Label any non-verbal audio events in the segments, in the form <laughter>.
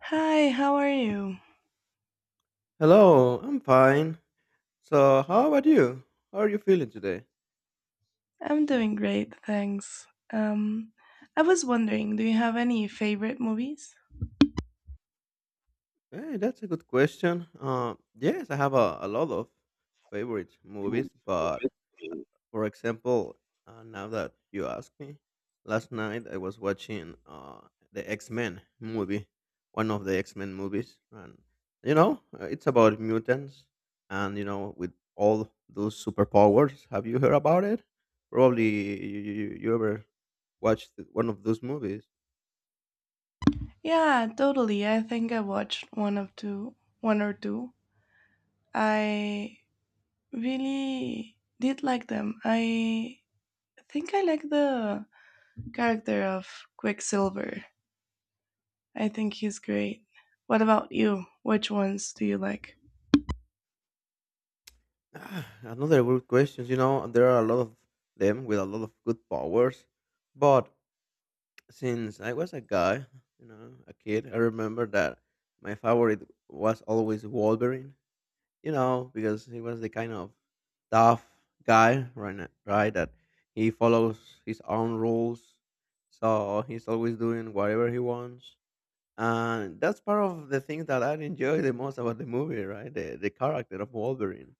Hi, how are you? Hello, I'm fine. So, how about you? How are you feeling today? I'm doing great, thanks. Um, I was wondering, do you have any favorite movies? Hey, that's a good question. Yes, I have a lot of favorite movies, but for example, now that you ask me, last night I was watching the X Men movie, one of the X Men movies, and it's about mutants and with all those superpowers. Have you heard about it? Probably you ever watched one of those movies. Yeah, totally. I think I watched one of two, one or two. I really did like them. I think I like the character of Quicksilver. I think he's great. What about you? Which ones do you like? Ah, another good questions. You know, there are a lot of them with a lot of good powers. But since I was a guy, you know, a kid, I remember that my favorite was always Wolverine. You know, because he was the kind of tough guy, right? Right, that he follows his own rules, so he's always doing whatever he wants, and that's part of the thing that I enjoy the most about the movie, right? The character of Wolverine.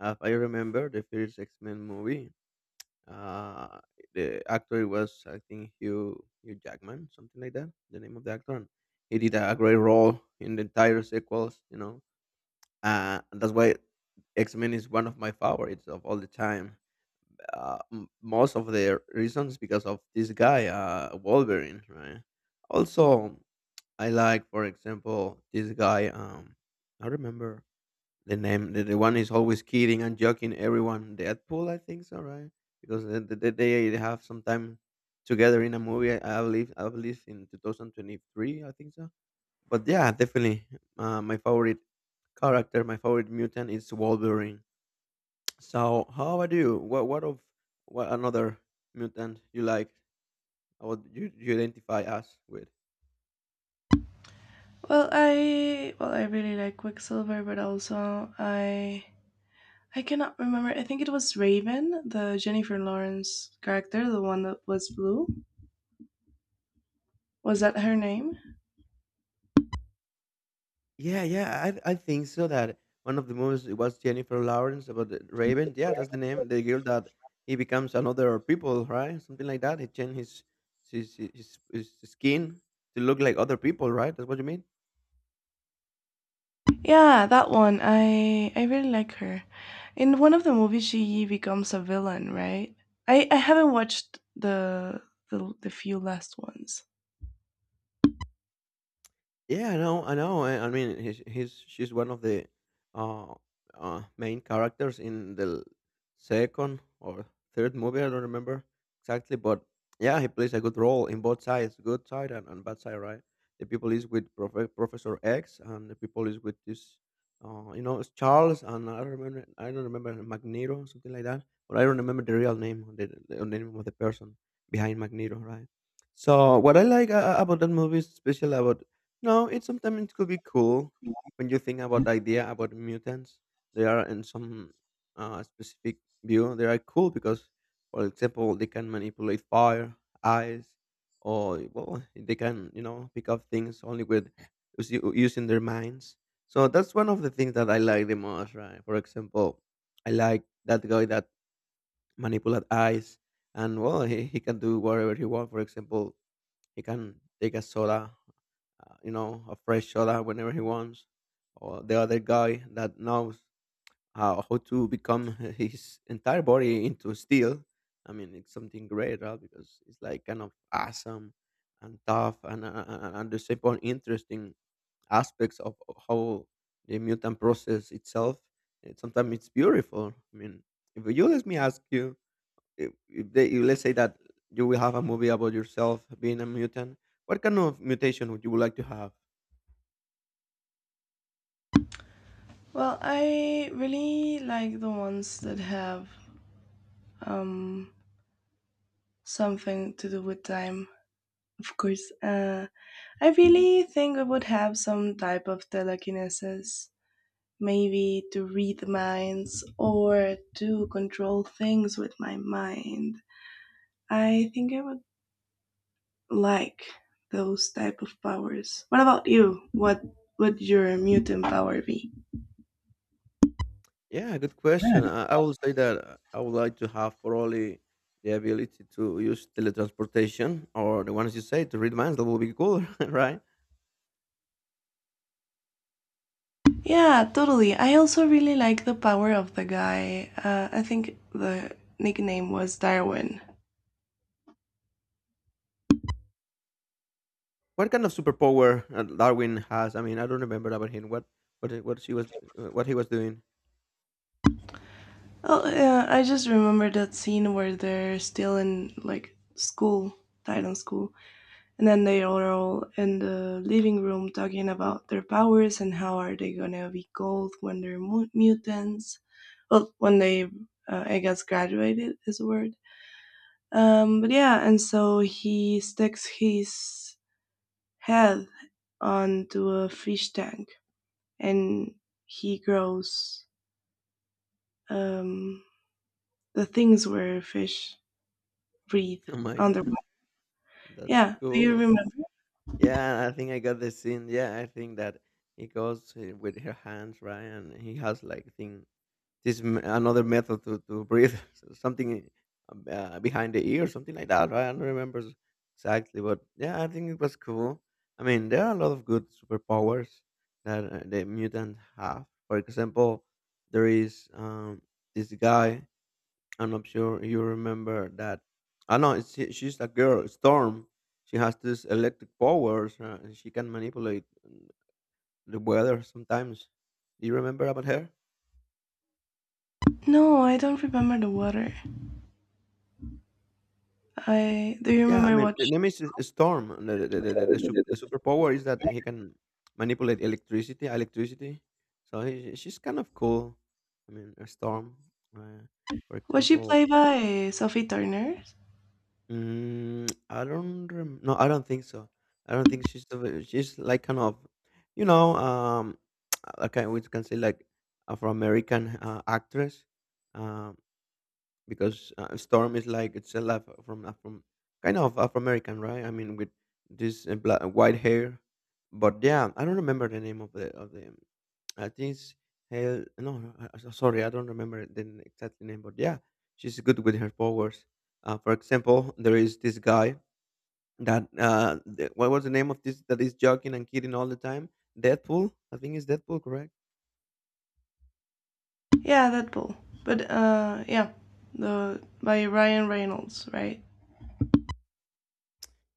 I remember the first X Men movie. Uh, the actor was I think Hugh Jackman, something like that. The name of the actor. And he did a great role in the entire sequels. And that's why X Men is one of my favorites of all the time. Most of the reasons because of this guy, Wolverine, right? Also, I like, for example, this guy. I remember the name, the one is always kidding and joking everyone. Deadpool, I think so, right? Because they have some time together in a movie. I believe in 2023, I think so. But yeah, definitely, my favorite character, my favorite mutant is Wolverine. So, how about you? What another mutant you like? Or what you identify us with? Well, I really like Quicksilver, but also I cannot remember. I think it was Raven, the Jennifer Lawrence character, the one that was blue. Was that her name? Yeah, yeah, I think so. That one of the movies it was Jennifer Lawrence about the Raven. Yeah, that's the name. The girl that he becomes another people, right? Something like that. He changed his skin to look like other people, right? That's what you mean. Yeah, that one. I really like her. In one of the movies, she becomes a villain, right? I haven't watched the few last ones. I know. I mean, he's she's one of the uh, main characters in the second or third movie. I don't remember exactly, but yeah, he plays a good role in both sides, good side and bad side, right? The people is with Professor X, and the people is with this, it's Charles, and I don't remember Magneto, something like that, but I don't remember the real name, or the name of the person behind Magneto, right? So what I like about that movie, is special about no, it sometimes it could be cool when you think about the idea about mutants. They are in some specific view. They are cool because, for example, they can manipulate fire, ice, or well, they can you know pick up things only with using their minds. So that's one of the things that I like the most, right? For example, I like that guy that manipulate ice, and well, he can do whatever he wants. For example, he can take a soda, you know, a fresh soda whenever he wants. Or the other guy that knows how to become <laughs> his entire body into steel. I mean, it's something great, right? Because it's like kind of awesome and tough and the simple interesting aspects of how the mutant process itself. And sometimes it's beautiful. I mean, if you let me ask you, if let's say that you will have a movie about yourself being a mutant, what kind of mutation would you would like to have? Well, I really like the ones that have um something to do with time. Of course, I really think I would have some type of telekinesis maybe to read minds or to control things with my mind. I think I would like those type of powers. What about you? What would your mutant power be? Yeah, good question. I would say that I would like to have probably the ability to use teletransportation or the ones you say to read minds. That would be cool, <laughs> right? Yeah, totally. I also really like the power of the guy. I think the nickname was Darwin. What kind of superpower Darwin has? I mean, I don't remember about him. What she was what he was doing? Oh, yeah, I just remember that scene where they're still in like school, Titan school. And then they are all in the living room talking about their powers and how are they gonna be called when they're mutants. Well, when they, I guess, graduated is the word. But yeah, and so he sticks his head onto a fish tank and he grows um, the things where fish breathe <laughs> Oh my god, underwater. that's Yeah, do you cool. remember? Yeah, I think I got the scene. Yeah, I think that he goes with her hands, right? And he has like thing this another method to breathe, <laughs> so something behind the ear, something like that, right? I don't remember exactly, but yeah, I think it was cool. I mean, there are a lot of good superpowers that the mutants have. For example, there is this guy I'm not sure you remember that. I know it's, she's a girl, Storm. She has this electric powers and she can manipulate the weather sometimes. Do you remember about her? No, I don't remember the water. I Do you Yeah, I remember mean, what? the name is Storm. And the She- superpower is that he can manipulate electricity. So she's kind of cool. I mean, a Storm, uh, for Was she example. played by Sophie Turner? Mm, I don't rem No, I don't think so. I don't think she's like kind of, you know, <tsk> okay, we can say like Afro-American actress, um, because Storm is like it's a lot from kind of Afro-American, right? I mean, with this black, white hair, but yeah, I don't remember the name of the I think it's Hel no, no, I- sorry, I don't remember the exact name, but yeah, she's good with her powers. For example, there is this guy that what was the name of this that is joking and kidding all the time? Deadpool, I think it's Deadpool, correct? Yeah, that Deadpool. But yeah, the by Ryan Reynolds, right?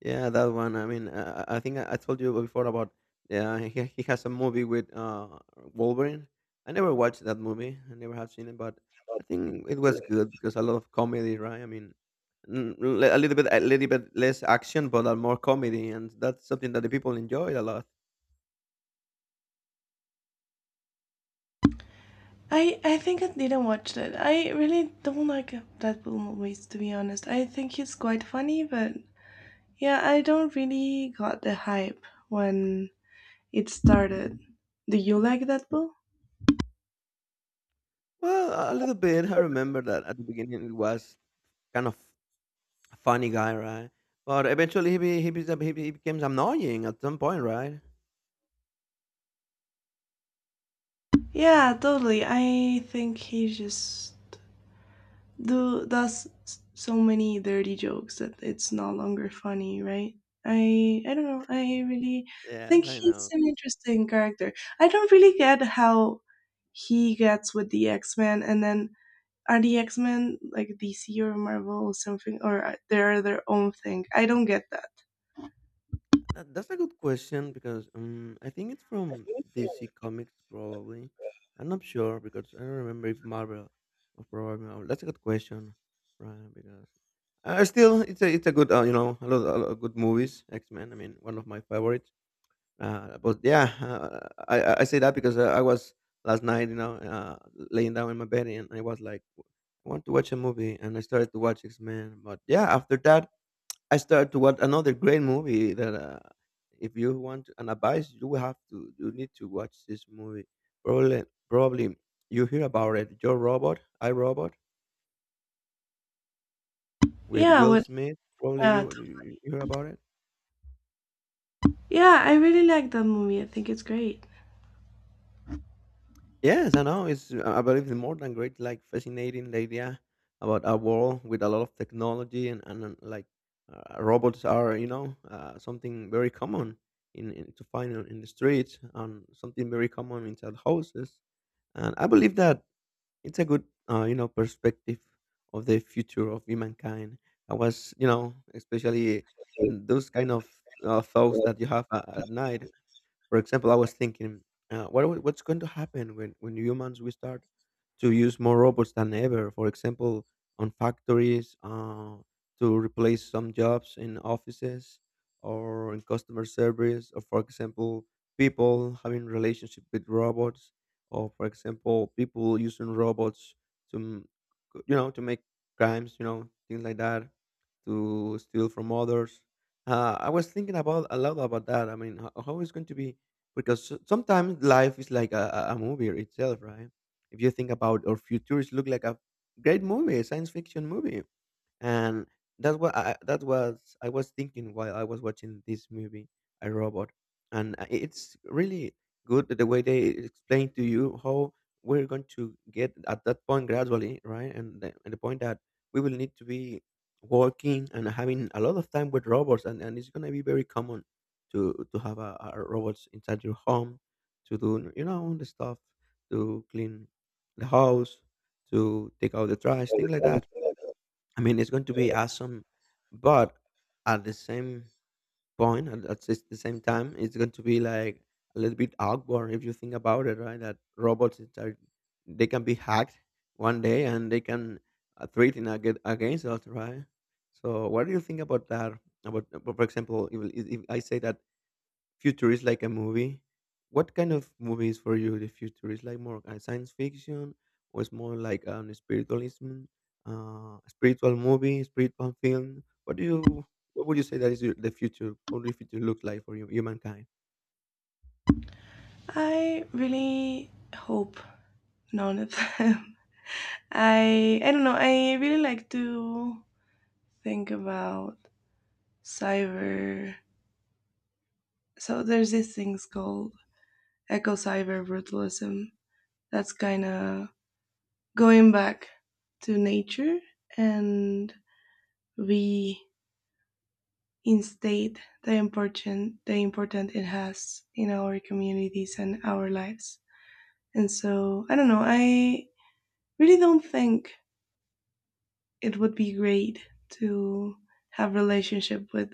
Yeah, that one. I mean, I told you before about yeah, he has a movie with Wolverine. I never watched that movie. I never have seen it, but I think it was good because a lot of comedy, right? I mean, a little bit less action, but a more comedy, and that's something that the people enjoyed a lot. I think I didn't watch that. I really don't like Deadpool movies, to be honest. I think he's quite funny, but yeah, I don't really got the hype when it started. Do you like Deadpool? Well, a little bit. I remember that at the beginning it was kind of a funny guy, right? But eventually he becomes annoying at some point, right? Yeah, totally. I think he's just do does so many dirty jokes that it's no longer funny, right? I don't know. I really think Yes, I he's know. an interesting character. I don't really get how he gets with the X Men, and then are the X Men like DC or Marvel or something, or they're their own thing? I don't get that. That's a good question because I think it's from DC Comics probably. I'm not sure because I don't remember if Marvel or probably Marvel. That's a good question, right? Because still, it's a good you know a lot of good movies. X Men. I mean, one of my favorites. But yeah, I say that because I was last night you know laying down in my bed and I was like I want to watch a movie and I started to watch X Men. But yeah, after that I started to watch another great movie that if you want an advice, you need to watch this movie. Probably you hear about it. Your robot, I Robot, with Yeah, Will what? Smith. Probably Uh, you hear about it. yeah, I really like that movie. I think it's great. Yes, I know. It's I believe it's more than great. Like fascinating the idea about a world with a lot of technology and like robots are you know something very common in to find in the streets and something very common inside houses. And I believe that it's a good you know perspective of the future of humankind I was you know especially those kind of thoughts that you have at night for example, I was thinking, what's going to happen when humans we start to use more robots than ever? For example, on factories to replace some jobs in offices or in customer service, or for example, people having relationship with robots, or for example, people using robots to you know to make crimes, you know things like that, to steal from others. I was thinking about a lot about that. I mean, how is going to be because sometimes life is like a movie itself, right? If you think about our futures, look like a great movie, a science fiction movie and that was I was thinking while I was watching this movie, I Robot, and it's really good the way they explain to you how we're going to get at that point gradually, right? And the point that we will need to be working and having a lot of time with robots, and it's going to be very common to have a robots inside your home to do the stuff to clean the house, to take out the trash, things like that. I mean, it's going to be awesome, but at the same point, at s- the same time, it's going to be like a little bit awkward if you think about it, right? That robots is are they can be hacked one day, and they can threaten against us, right? So, what do you think about that? About, for example, if I say that future is like a movie. What kind of movies for you the future is like? More science fiction or it's more like spiritualism, spiritual movie, spiritual film? What do you, what would you say that is your, the future? What the future looks like for you, humankind? I really hope none of them. I don't know. I really like to think about cyber. So there's these things called eco cyber brutalism. That's kind of going back to nature and reinstate the important it has in our communities and our lives. And so I don't know. I really don't think it would be great to have relationship with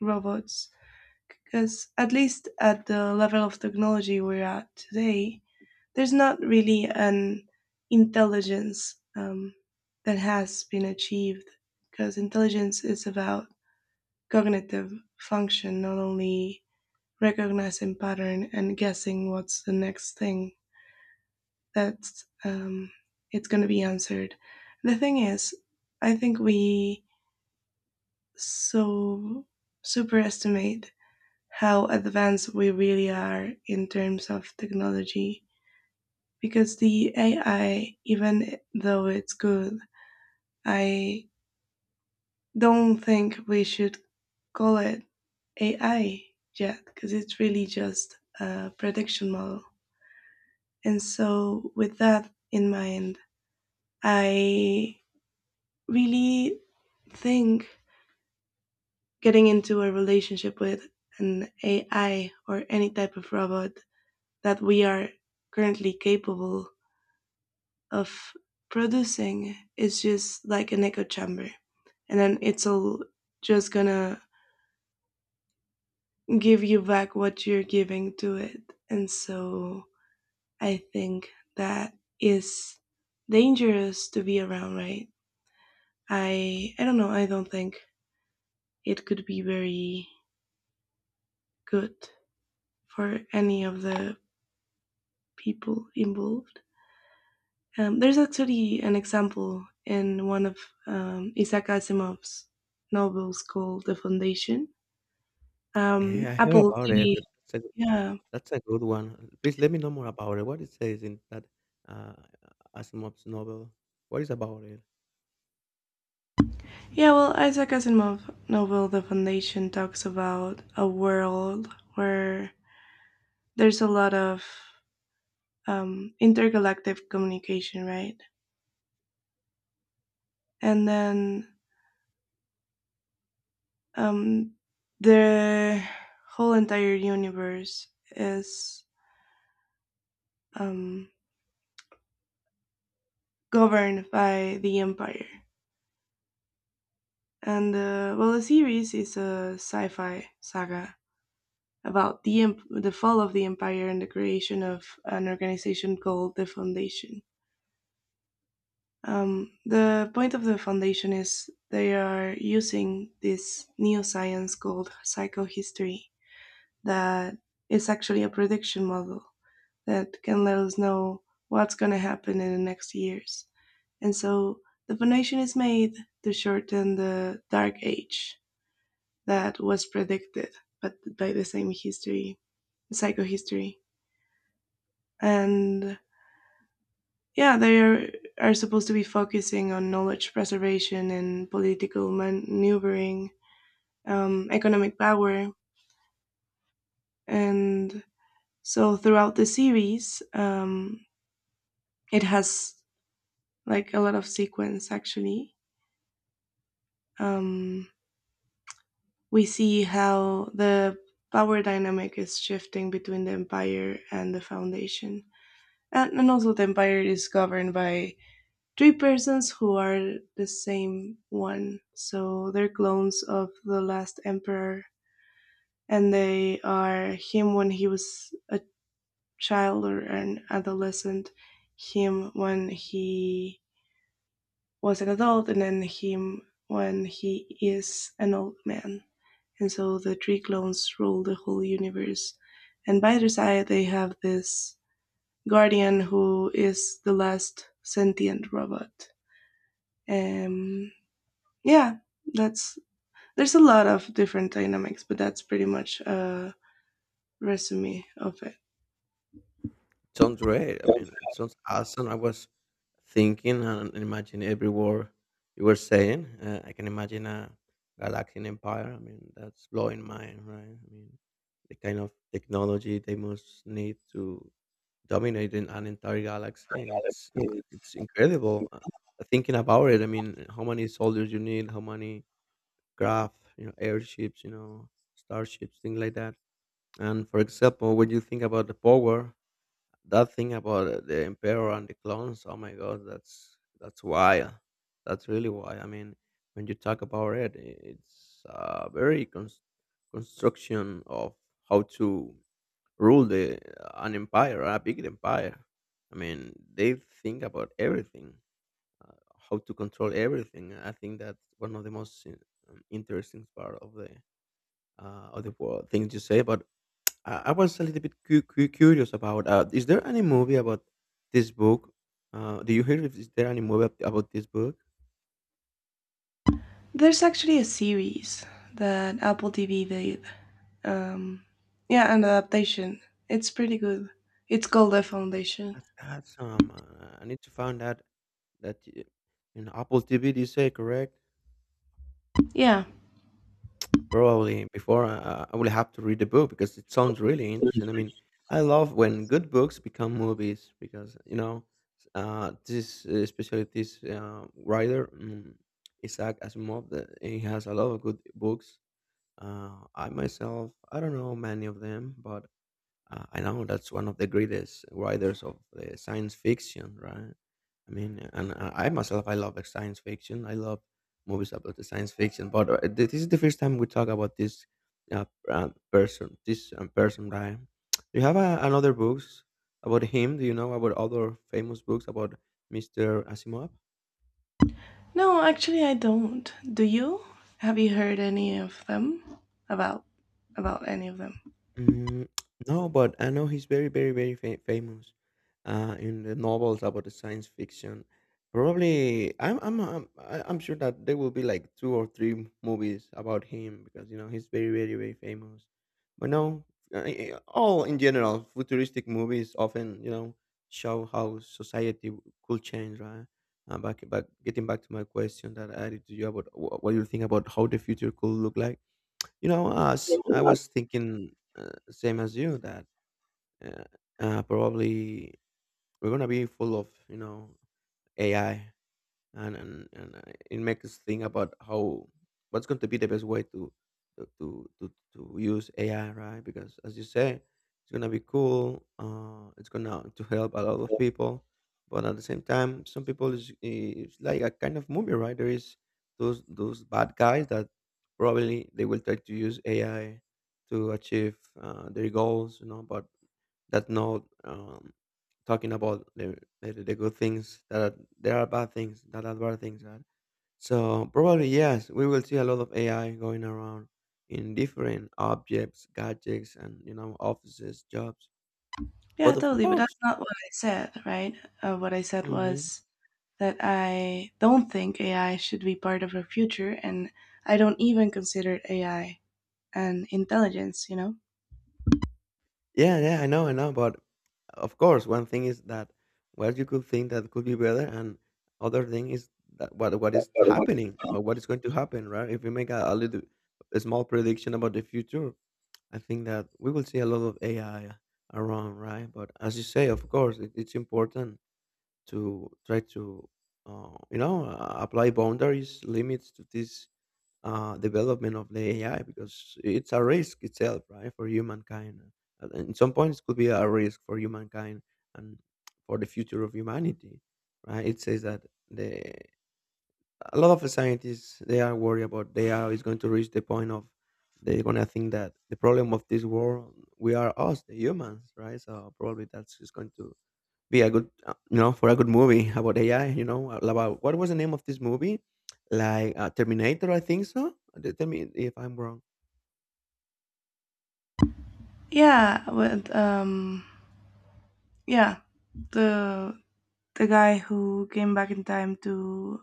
robots because at least at the level of technology we're at today, there's not really an intelligence that has been achieved because intelligence is about cognitive function, not only recognizing pattern and guessing what's the next thing that's it's going to be answered. The thing is, I think we so superestimate how advanced we really are in terms of technology because the AI, even though it's good, I don't think we should call it AI yet because it's really just a prediction model. And so, with that in mind, I really think getting into a relationship with an AI or any type of robot that we are currently capable of producing is just like an echo chamber, and then it's all just gonna give you back what you're giving to it. And so I think that is dangerous to be around, right? I don't know. I don't think it could be very good for any of the people involved. There's actually an example in one of Isaac Asimov's novels called The Foundation. Yeah, I heard Apple about it. TV. Yeah. That's a good one. Please let me know more about it. What it says in that uh, Asimov's novel? What is about it? Yeah, well, Isaac Asimov' novel The Foundation talks about a world where there's a lot of intergalactic communication, right? And then um, the whole entire universe is um, governed by the Empire. And well, the series is a sci fi saga about the fall of the empire and the creation of an organization called the Foundation. The point of the foundation is they are using this new science called psychohistory that is actually a prediction model that can let us know what's going to happen in the next years. And so the foundation is made to shorten the dark age that was predicted but by the same history, psychohistory. And yeah, they are supposed to be focusing on knowledge preservation and political maneuvering, economic power. And so throughout the series, it has like a lot of sequence actually. Um, we see how the power dynamic is shifting between the empire and the foundation. And also, the empire is governed by three persons who are the same one, so they're clones of the last emperor, and they are him when he was a child or an adolescent, him when he was an adult, and then him when he is an old man. And so the three clones rule the whole universe. And by their side, they have this guardian who is the last sentient robot. Um, yeah, that's there's a lot of different dynamics, but that's pretty much a resume of it. Sounds great. I mean, it sounds awesome. I was thinking and imagine every word you were saying. I can imagine a galactic empire. I mean, that's blowing mind, right? I mean, the kind of technology they must need to dominate in an entire galaxy. It's Yeah. it's incredible. Thinking about it, I mean, how many soldiers you need, how many craft, you know, airships, you know, starships, things like that. And for example, when you think about the power? That thing about the emperor and the clones, oh my god, that's wild. That's really why, I mean, when you talk about it, it's a very construction of how to rule the an empire, a big empire. I mean, they think about everything, uh, how to control everything. I think that's one of the most interesting part of the world, things you say about. I was a little bit curious about. Is there any movie about this book? Do you hear if is there any movie about this book? There's actually a series that Apple TV did, um yeah, an adaptation. It's pretty good. It's called The Foundation. That's that's. I need to find out that in Apple TV. Do you say correct? Yeah, Probably before I will have to read the book because it sounds really interesting. I mean, I love when good books become movies because this especially this writer, Isaac Asimov. That he has a lot of good books. I myself, I don't know many of them, but I know that's one of the greatest writers of the science fiction, right? I mean, and I myself, I love science fiction. I love movies about the science fiction. But this is the first time we talk about this uh, person, this person, right? Do you have another books about him? Do you know about other famous books about Mr. Asimov? no, actually I don't. Do you have you heard any of them, about about any of them? Mm, no, but I know he's very, very, very famous in the novels about the science fiction. Probably, I'm sure that there will be like two or three movies about him because you know he's very, very, very famous. But no, all in general, futuristic movies often you know show how society could change, right? Getting back to my question that I added to you about what you think about how the future could look like. You know, us. I Yeah. was thinking same as you that uh, probably we're gonna be full of you know AI, and it makes us think about how what's going to be the best way to to use AI, right? Because as you say, it's gonna be cool. It's gonna to help a lot of people, but at the same time, some people is it's like a kind of movie, right? There is those bad guys that probably they will try to use AI to achieve their goals, you know, but that's not. Talking about the good things that are, there are bad things that are bad things, right? So probably, yes, we will see a lot of AI going around in different objects, gadgets, and you know offices, jobs. Yeah, But of totally, but course. that's not what I said, right? What I said Hmm. was that I don't think AI should be part of our future, and I don't even consider AI an intelligence. You Yeah, yeah, I know, I know, but of course one thing is that what you could think that could be better and other thing is that what is know? happening or what is going to happen, right? If we make a little a small prediction about the future, I think that we will see a lot of AI around, right? But as you say, of course, it's important to try to, apply boundaries, limits to this development of the AI because it's a risk itself, right, for humankind. At in some points, it could be a risk for humankind and for the future of humanity, right? It says that the a lot of scientists they are worried about they are is going to reach the point of they're going to think that the problem of this world we are us the humans, right? So probably that's just going to be a good, you know, for a good movie <laughs> about AI, you know, about what was the name of this movie, like Terminator, I think so. Tell me if I'm wrong. Yeah, but yeah, the the guy who came back in time to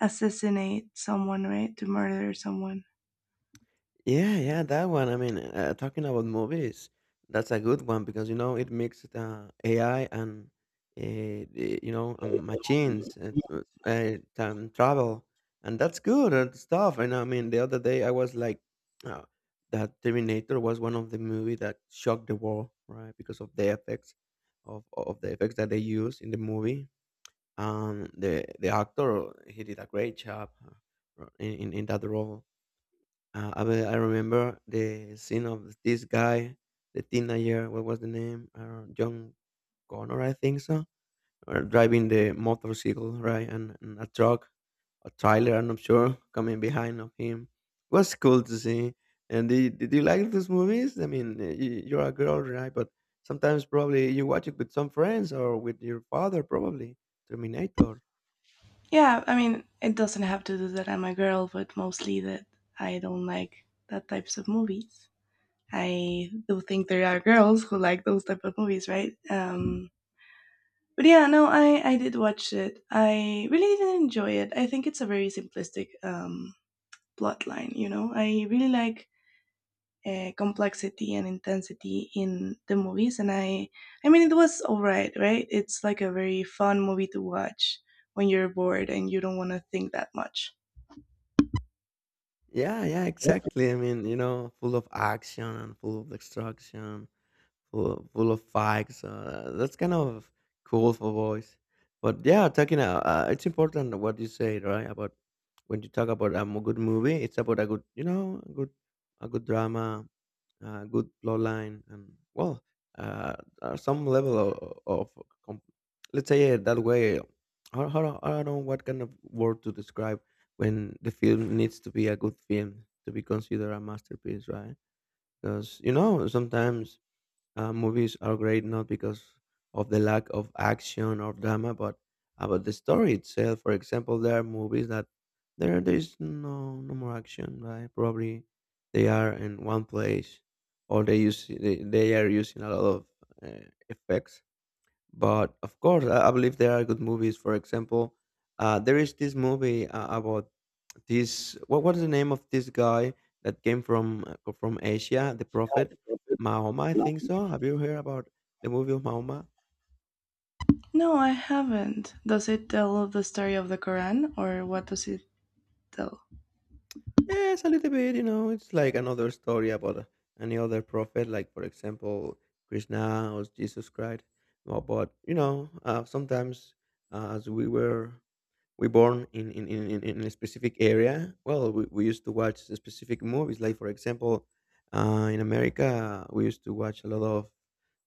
assassinate someone, right? To murder someone. Yeah, yeah, that one. I mean, talking about movies, that's a good one because you know it mixed AI and you know machines, time travel, and that's good and stuff. And I mean, the other day I was like, uh, that Terminator was one of the movie that shocked the world, right? Because of the effects that they use in the movie. The actor he did a great job in that role. Uh, I remember the scene of this guy, the teenager. What was the name? John Connor, I think so. Or driving the motorcycle, right, and a truck, a trailer. I'm not sure <laughs> coming behind of him. It was cool to see. And did you like those movies? I mean, you're a girl, right? But sometimes probably you watch it with some friends or with your father, probably. Terminator. Yeah, I mean, it doesn't have to do that I'm a girl, but mostly that I don't like that types of movies. I do think there are girls who like those type of movies, right? But yeah, no, I did watch it. I really did enjoy it. I think it's a very simplistic plot line. You know, I really like complexity and intensity in the movies, and I mean it was alright, right? It's like a very fun movie to watch when you're bored and you don't want to think that much. Yeah, yeah, exactly. I mean, you know, full of action and full of destruction, full full of facts. That's kind of cool for boys. But yeah, talking it's important what you say, right? About when you talk about a good movie, it's about a good, you know, a good drama, a good plot line, and well, uh, some level of com- let's say it that way. I don't know what kind of word to describe when the film needs to be a good film to be considered a masterpiece, right? Because you know sometimes movies are great not because of the lack of action or drama, but about the story itself. For example, there are movies that there is no more action, right? Probably they are in one place, or they are using a lot of effects. But of course, I believe there are good movies. For example, there is this movie about this, what was the name of this guy that came from Asia? The prophet Mahoma, I think so. Have you heard about the movie of Mahoma? No, I haven't. Does it tell the story of the Quran, or what does it tell? Yes, a little bit. You know, it's like another story about any other prophet, like for example Krishna or Jesus Christ. Well, but you know, sometimes as we were we born in a specific area, well, we used to watch specific movies, like for example in America we used to watch a lot of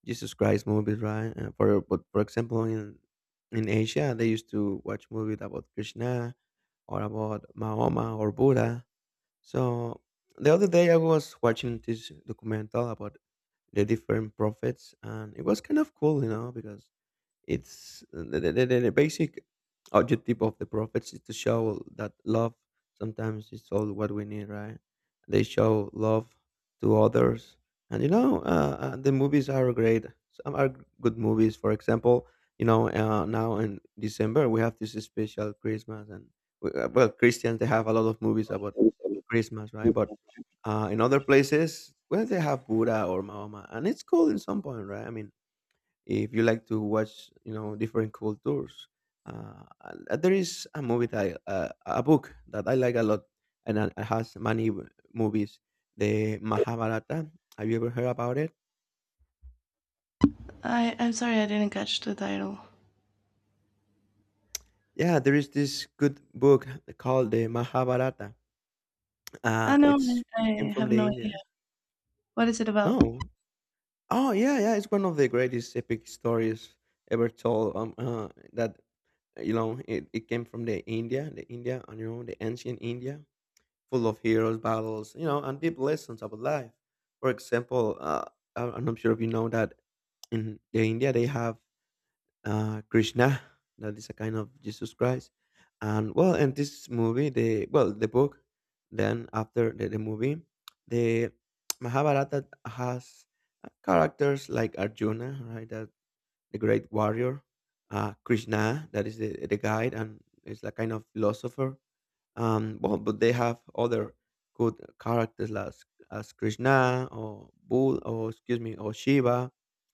Jesus Christ movies, right? For but for example in Asia they used to watch movies about Krishna or about Mahoma or Buddha. So the other day I was watching this documental about the different prophets, and it was kind of cool, you know, because it's the basic objective of the prophets is to show that love sometimes is all what we need, right? They show love to others, and the movies are great. Some are good movies. For example, you know now in December we have this special Christmas, and we, well, Christians they have a lot of movies about Christmas, right? But in other places, well, they have Buddha or Mahoma, and it's cool in some point, right? I mean, if you like to watch different cultures there is a movie that a book that I like a lot and it has many movies, the Mahabharata. Have you ever heard about it? I'm sorry, I didn't catch the title. Yeah, there is this good book called the Mahabharata. I Uh, know. it's I, came I from have the no. India. What is it about? No. Oh, yeah, yeah, it's one of the greatest epic stories ever told. That, it came from the india and you know the ancient India. Full of heroes, battles, you know, and deep lessons about life. For example, I'm not sure if you know that in the India they have Krishna, that is a kind of Jesus Christ, and well, in this movie, the well, the book, then after the movie, the Mahabharata has characters like Arjuna, right, that the great warrior, Krishna, that is the guide and is a kind of philosopher. Well, but they have other good characters as Krishna or Bull, or excuse me, or Shiva,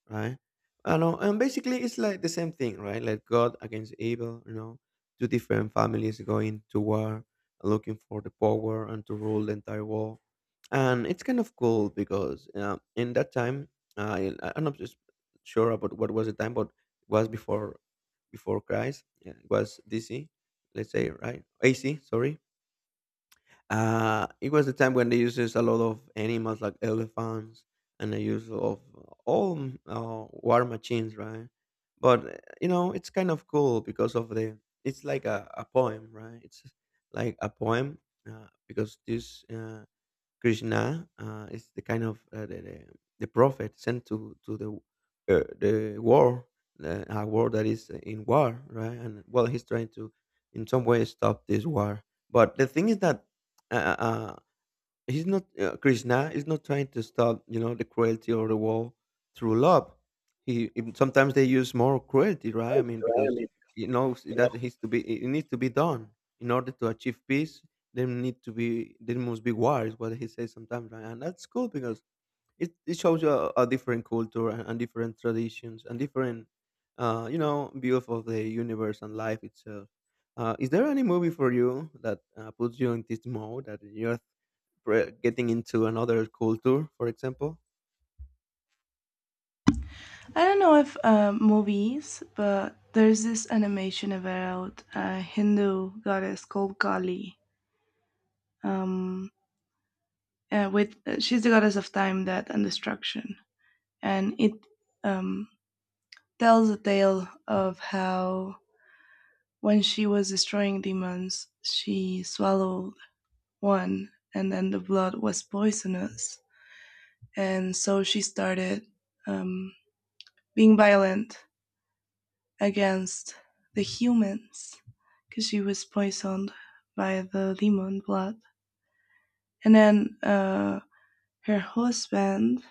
right? I know. And basically it's like the same thing, right? Like god against evil, you know, two different families going to war, looking for the power and to rule the entire world. And it's kind of cool because in that time, am not just sure about what was the time, but it was before, before Christ. Yeah, it was DC, let's say, right? AC, sorry. It was the time when they uses a lot of animals like elephants and the use of all war machines, right? But you know, it's kind of cool because of the. it's like a poem, right? It's like a poem, because this, Krishna, is the kind of, the prophet sent to the, the war, a war that is in war, right? And well, he's trying to, in some way, stop this war. But the thing is that, uh, uh, he's not, Krishna is not trying to stop, you know, the cruelty or the war through love. He even sometimes they use more cruelty, right? I mean, I because mean, he knows that needs to be it needs to be done in order to achieve peace. There must be war is what he says sometimes, right? And that's cool because it shows you a different culture, and different traditions and different, you know, view of the universe and life itself. Is there any movie for you that puts you in this mode that you're getting into another culture, for example. I don't know if movies, but there's this animation about a Hindu goddess called Kali. Um, with she's the goddess of time, death, and destruction, and it um, tells a tale of how when she was destroying demons, she swallowed one, and then the blood was poisonous, and so she started um, being violent against the humans because she was poisoned by the demon blood. And then her husband,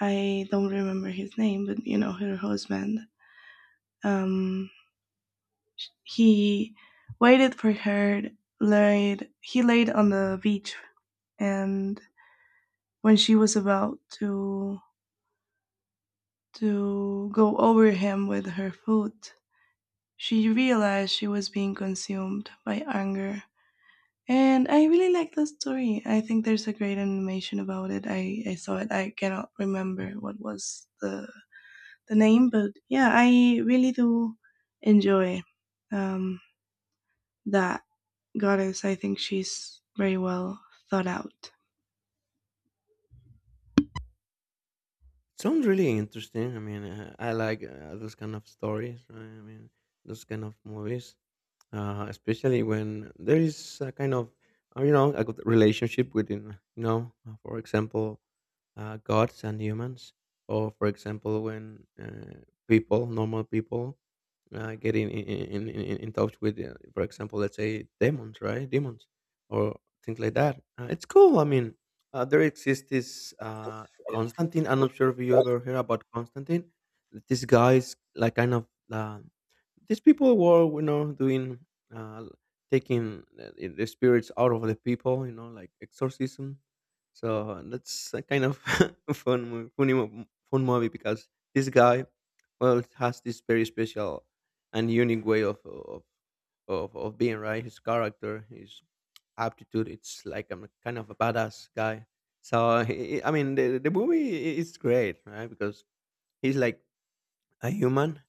I don't remember his name, but you know, her husband, um, he waited for her, he laid on the beach, and when she was about to go over him with her foot, she realized she was being consumed by anger. And I really like the story. I think there's a great animation about it. I saw it. I cannot remember what was the name, but yeah, I really do enjoy um, that goddess. I think she's very well thought out. Sounds really interesting. I mean, I like those kind of stories. Right? I mean, those kind of movies, especially when there is a kind of, you know, a good relationship within, you know, for example, gods and humans. Or, for example, when people, normal people, get in touch with, for example, let's say demons, right? Demons or things like that. It's cool. I mean, there exists this, Constantine. I'm not sure if you ever heard about Constantine. This guy is like kind of. These people were, you know, doing, uh taking, the spirits out of the people, you know, like exorcism. So that's a kind of <laughs> fun mo- funny mo- fun movie because this guy well has this very special and unique way of being, right? His character, his aptitude, it's like I'm a kind of a badass guy. So <laughs> I mean the movie is great, right? Because he's like a human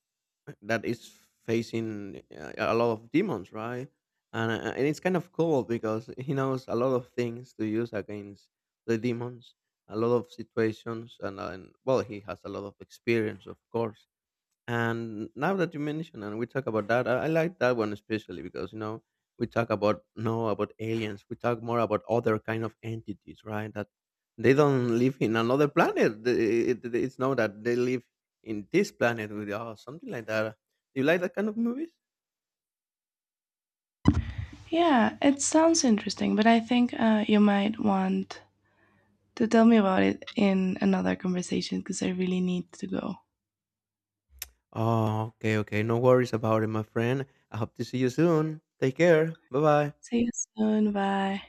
that is facing, a lot of demons, right? And it's kind of cool because <laughs> he knows a lot of things to use against the demons, a lot of situations, and well, he has a lot of experience, of course. And now that you mention and we talk about that, I like that one especially because, you know, we talk about, no, about aliens. We talk more about other kind of entities, right? That they don't live in another planet. It's not that they live in this planet with us, something like that. Do you like that kind of movies? Yeah, it sounds interesting, but I think you might want to tell me about it in another conversation because I really need to go. Oh, okay, okay. No worries about it, my friend. I hope to see you soon. Take care. Bye bye. See you soon. Bye.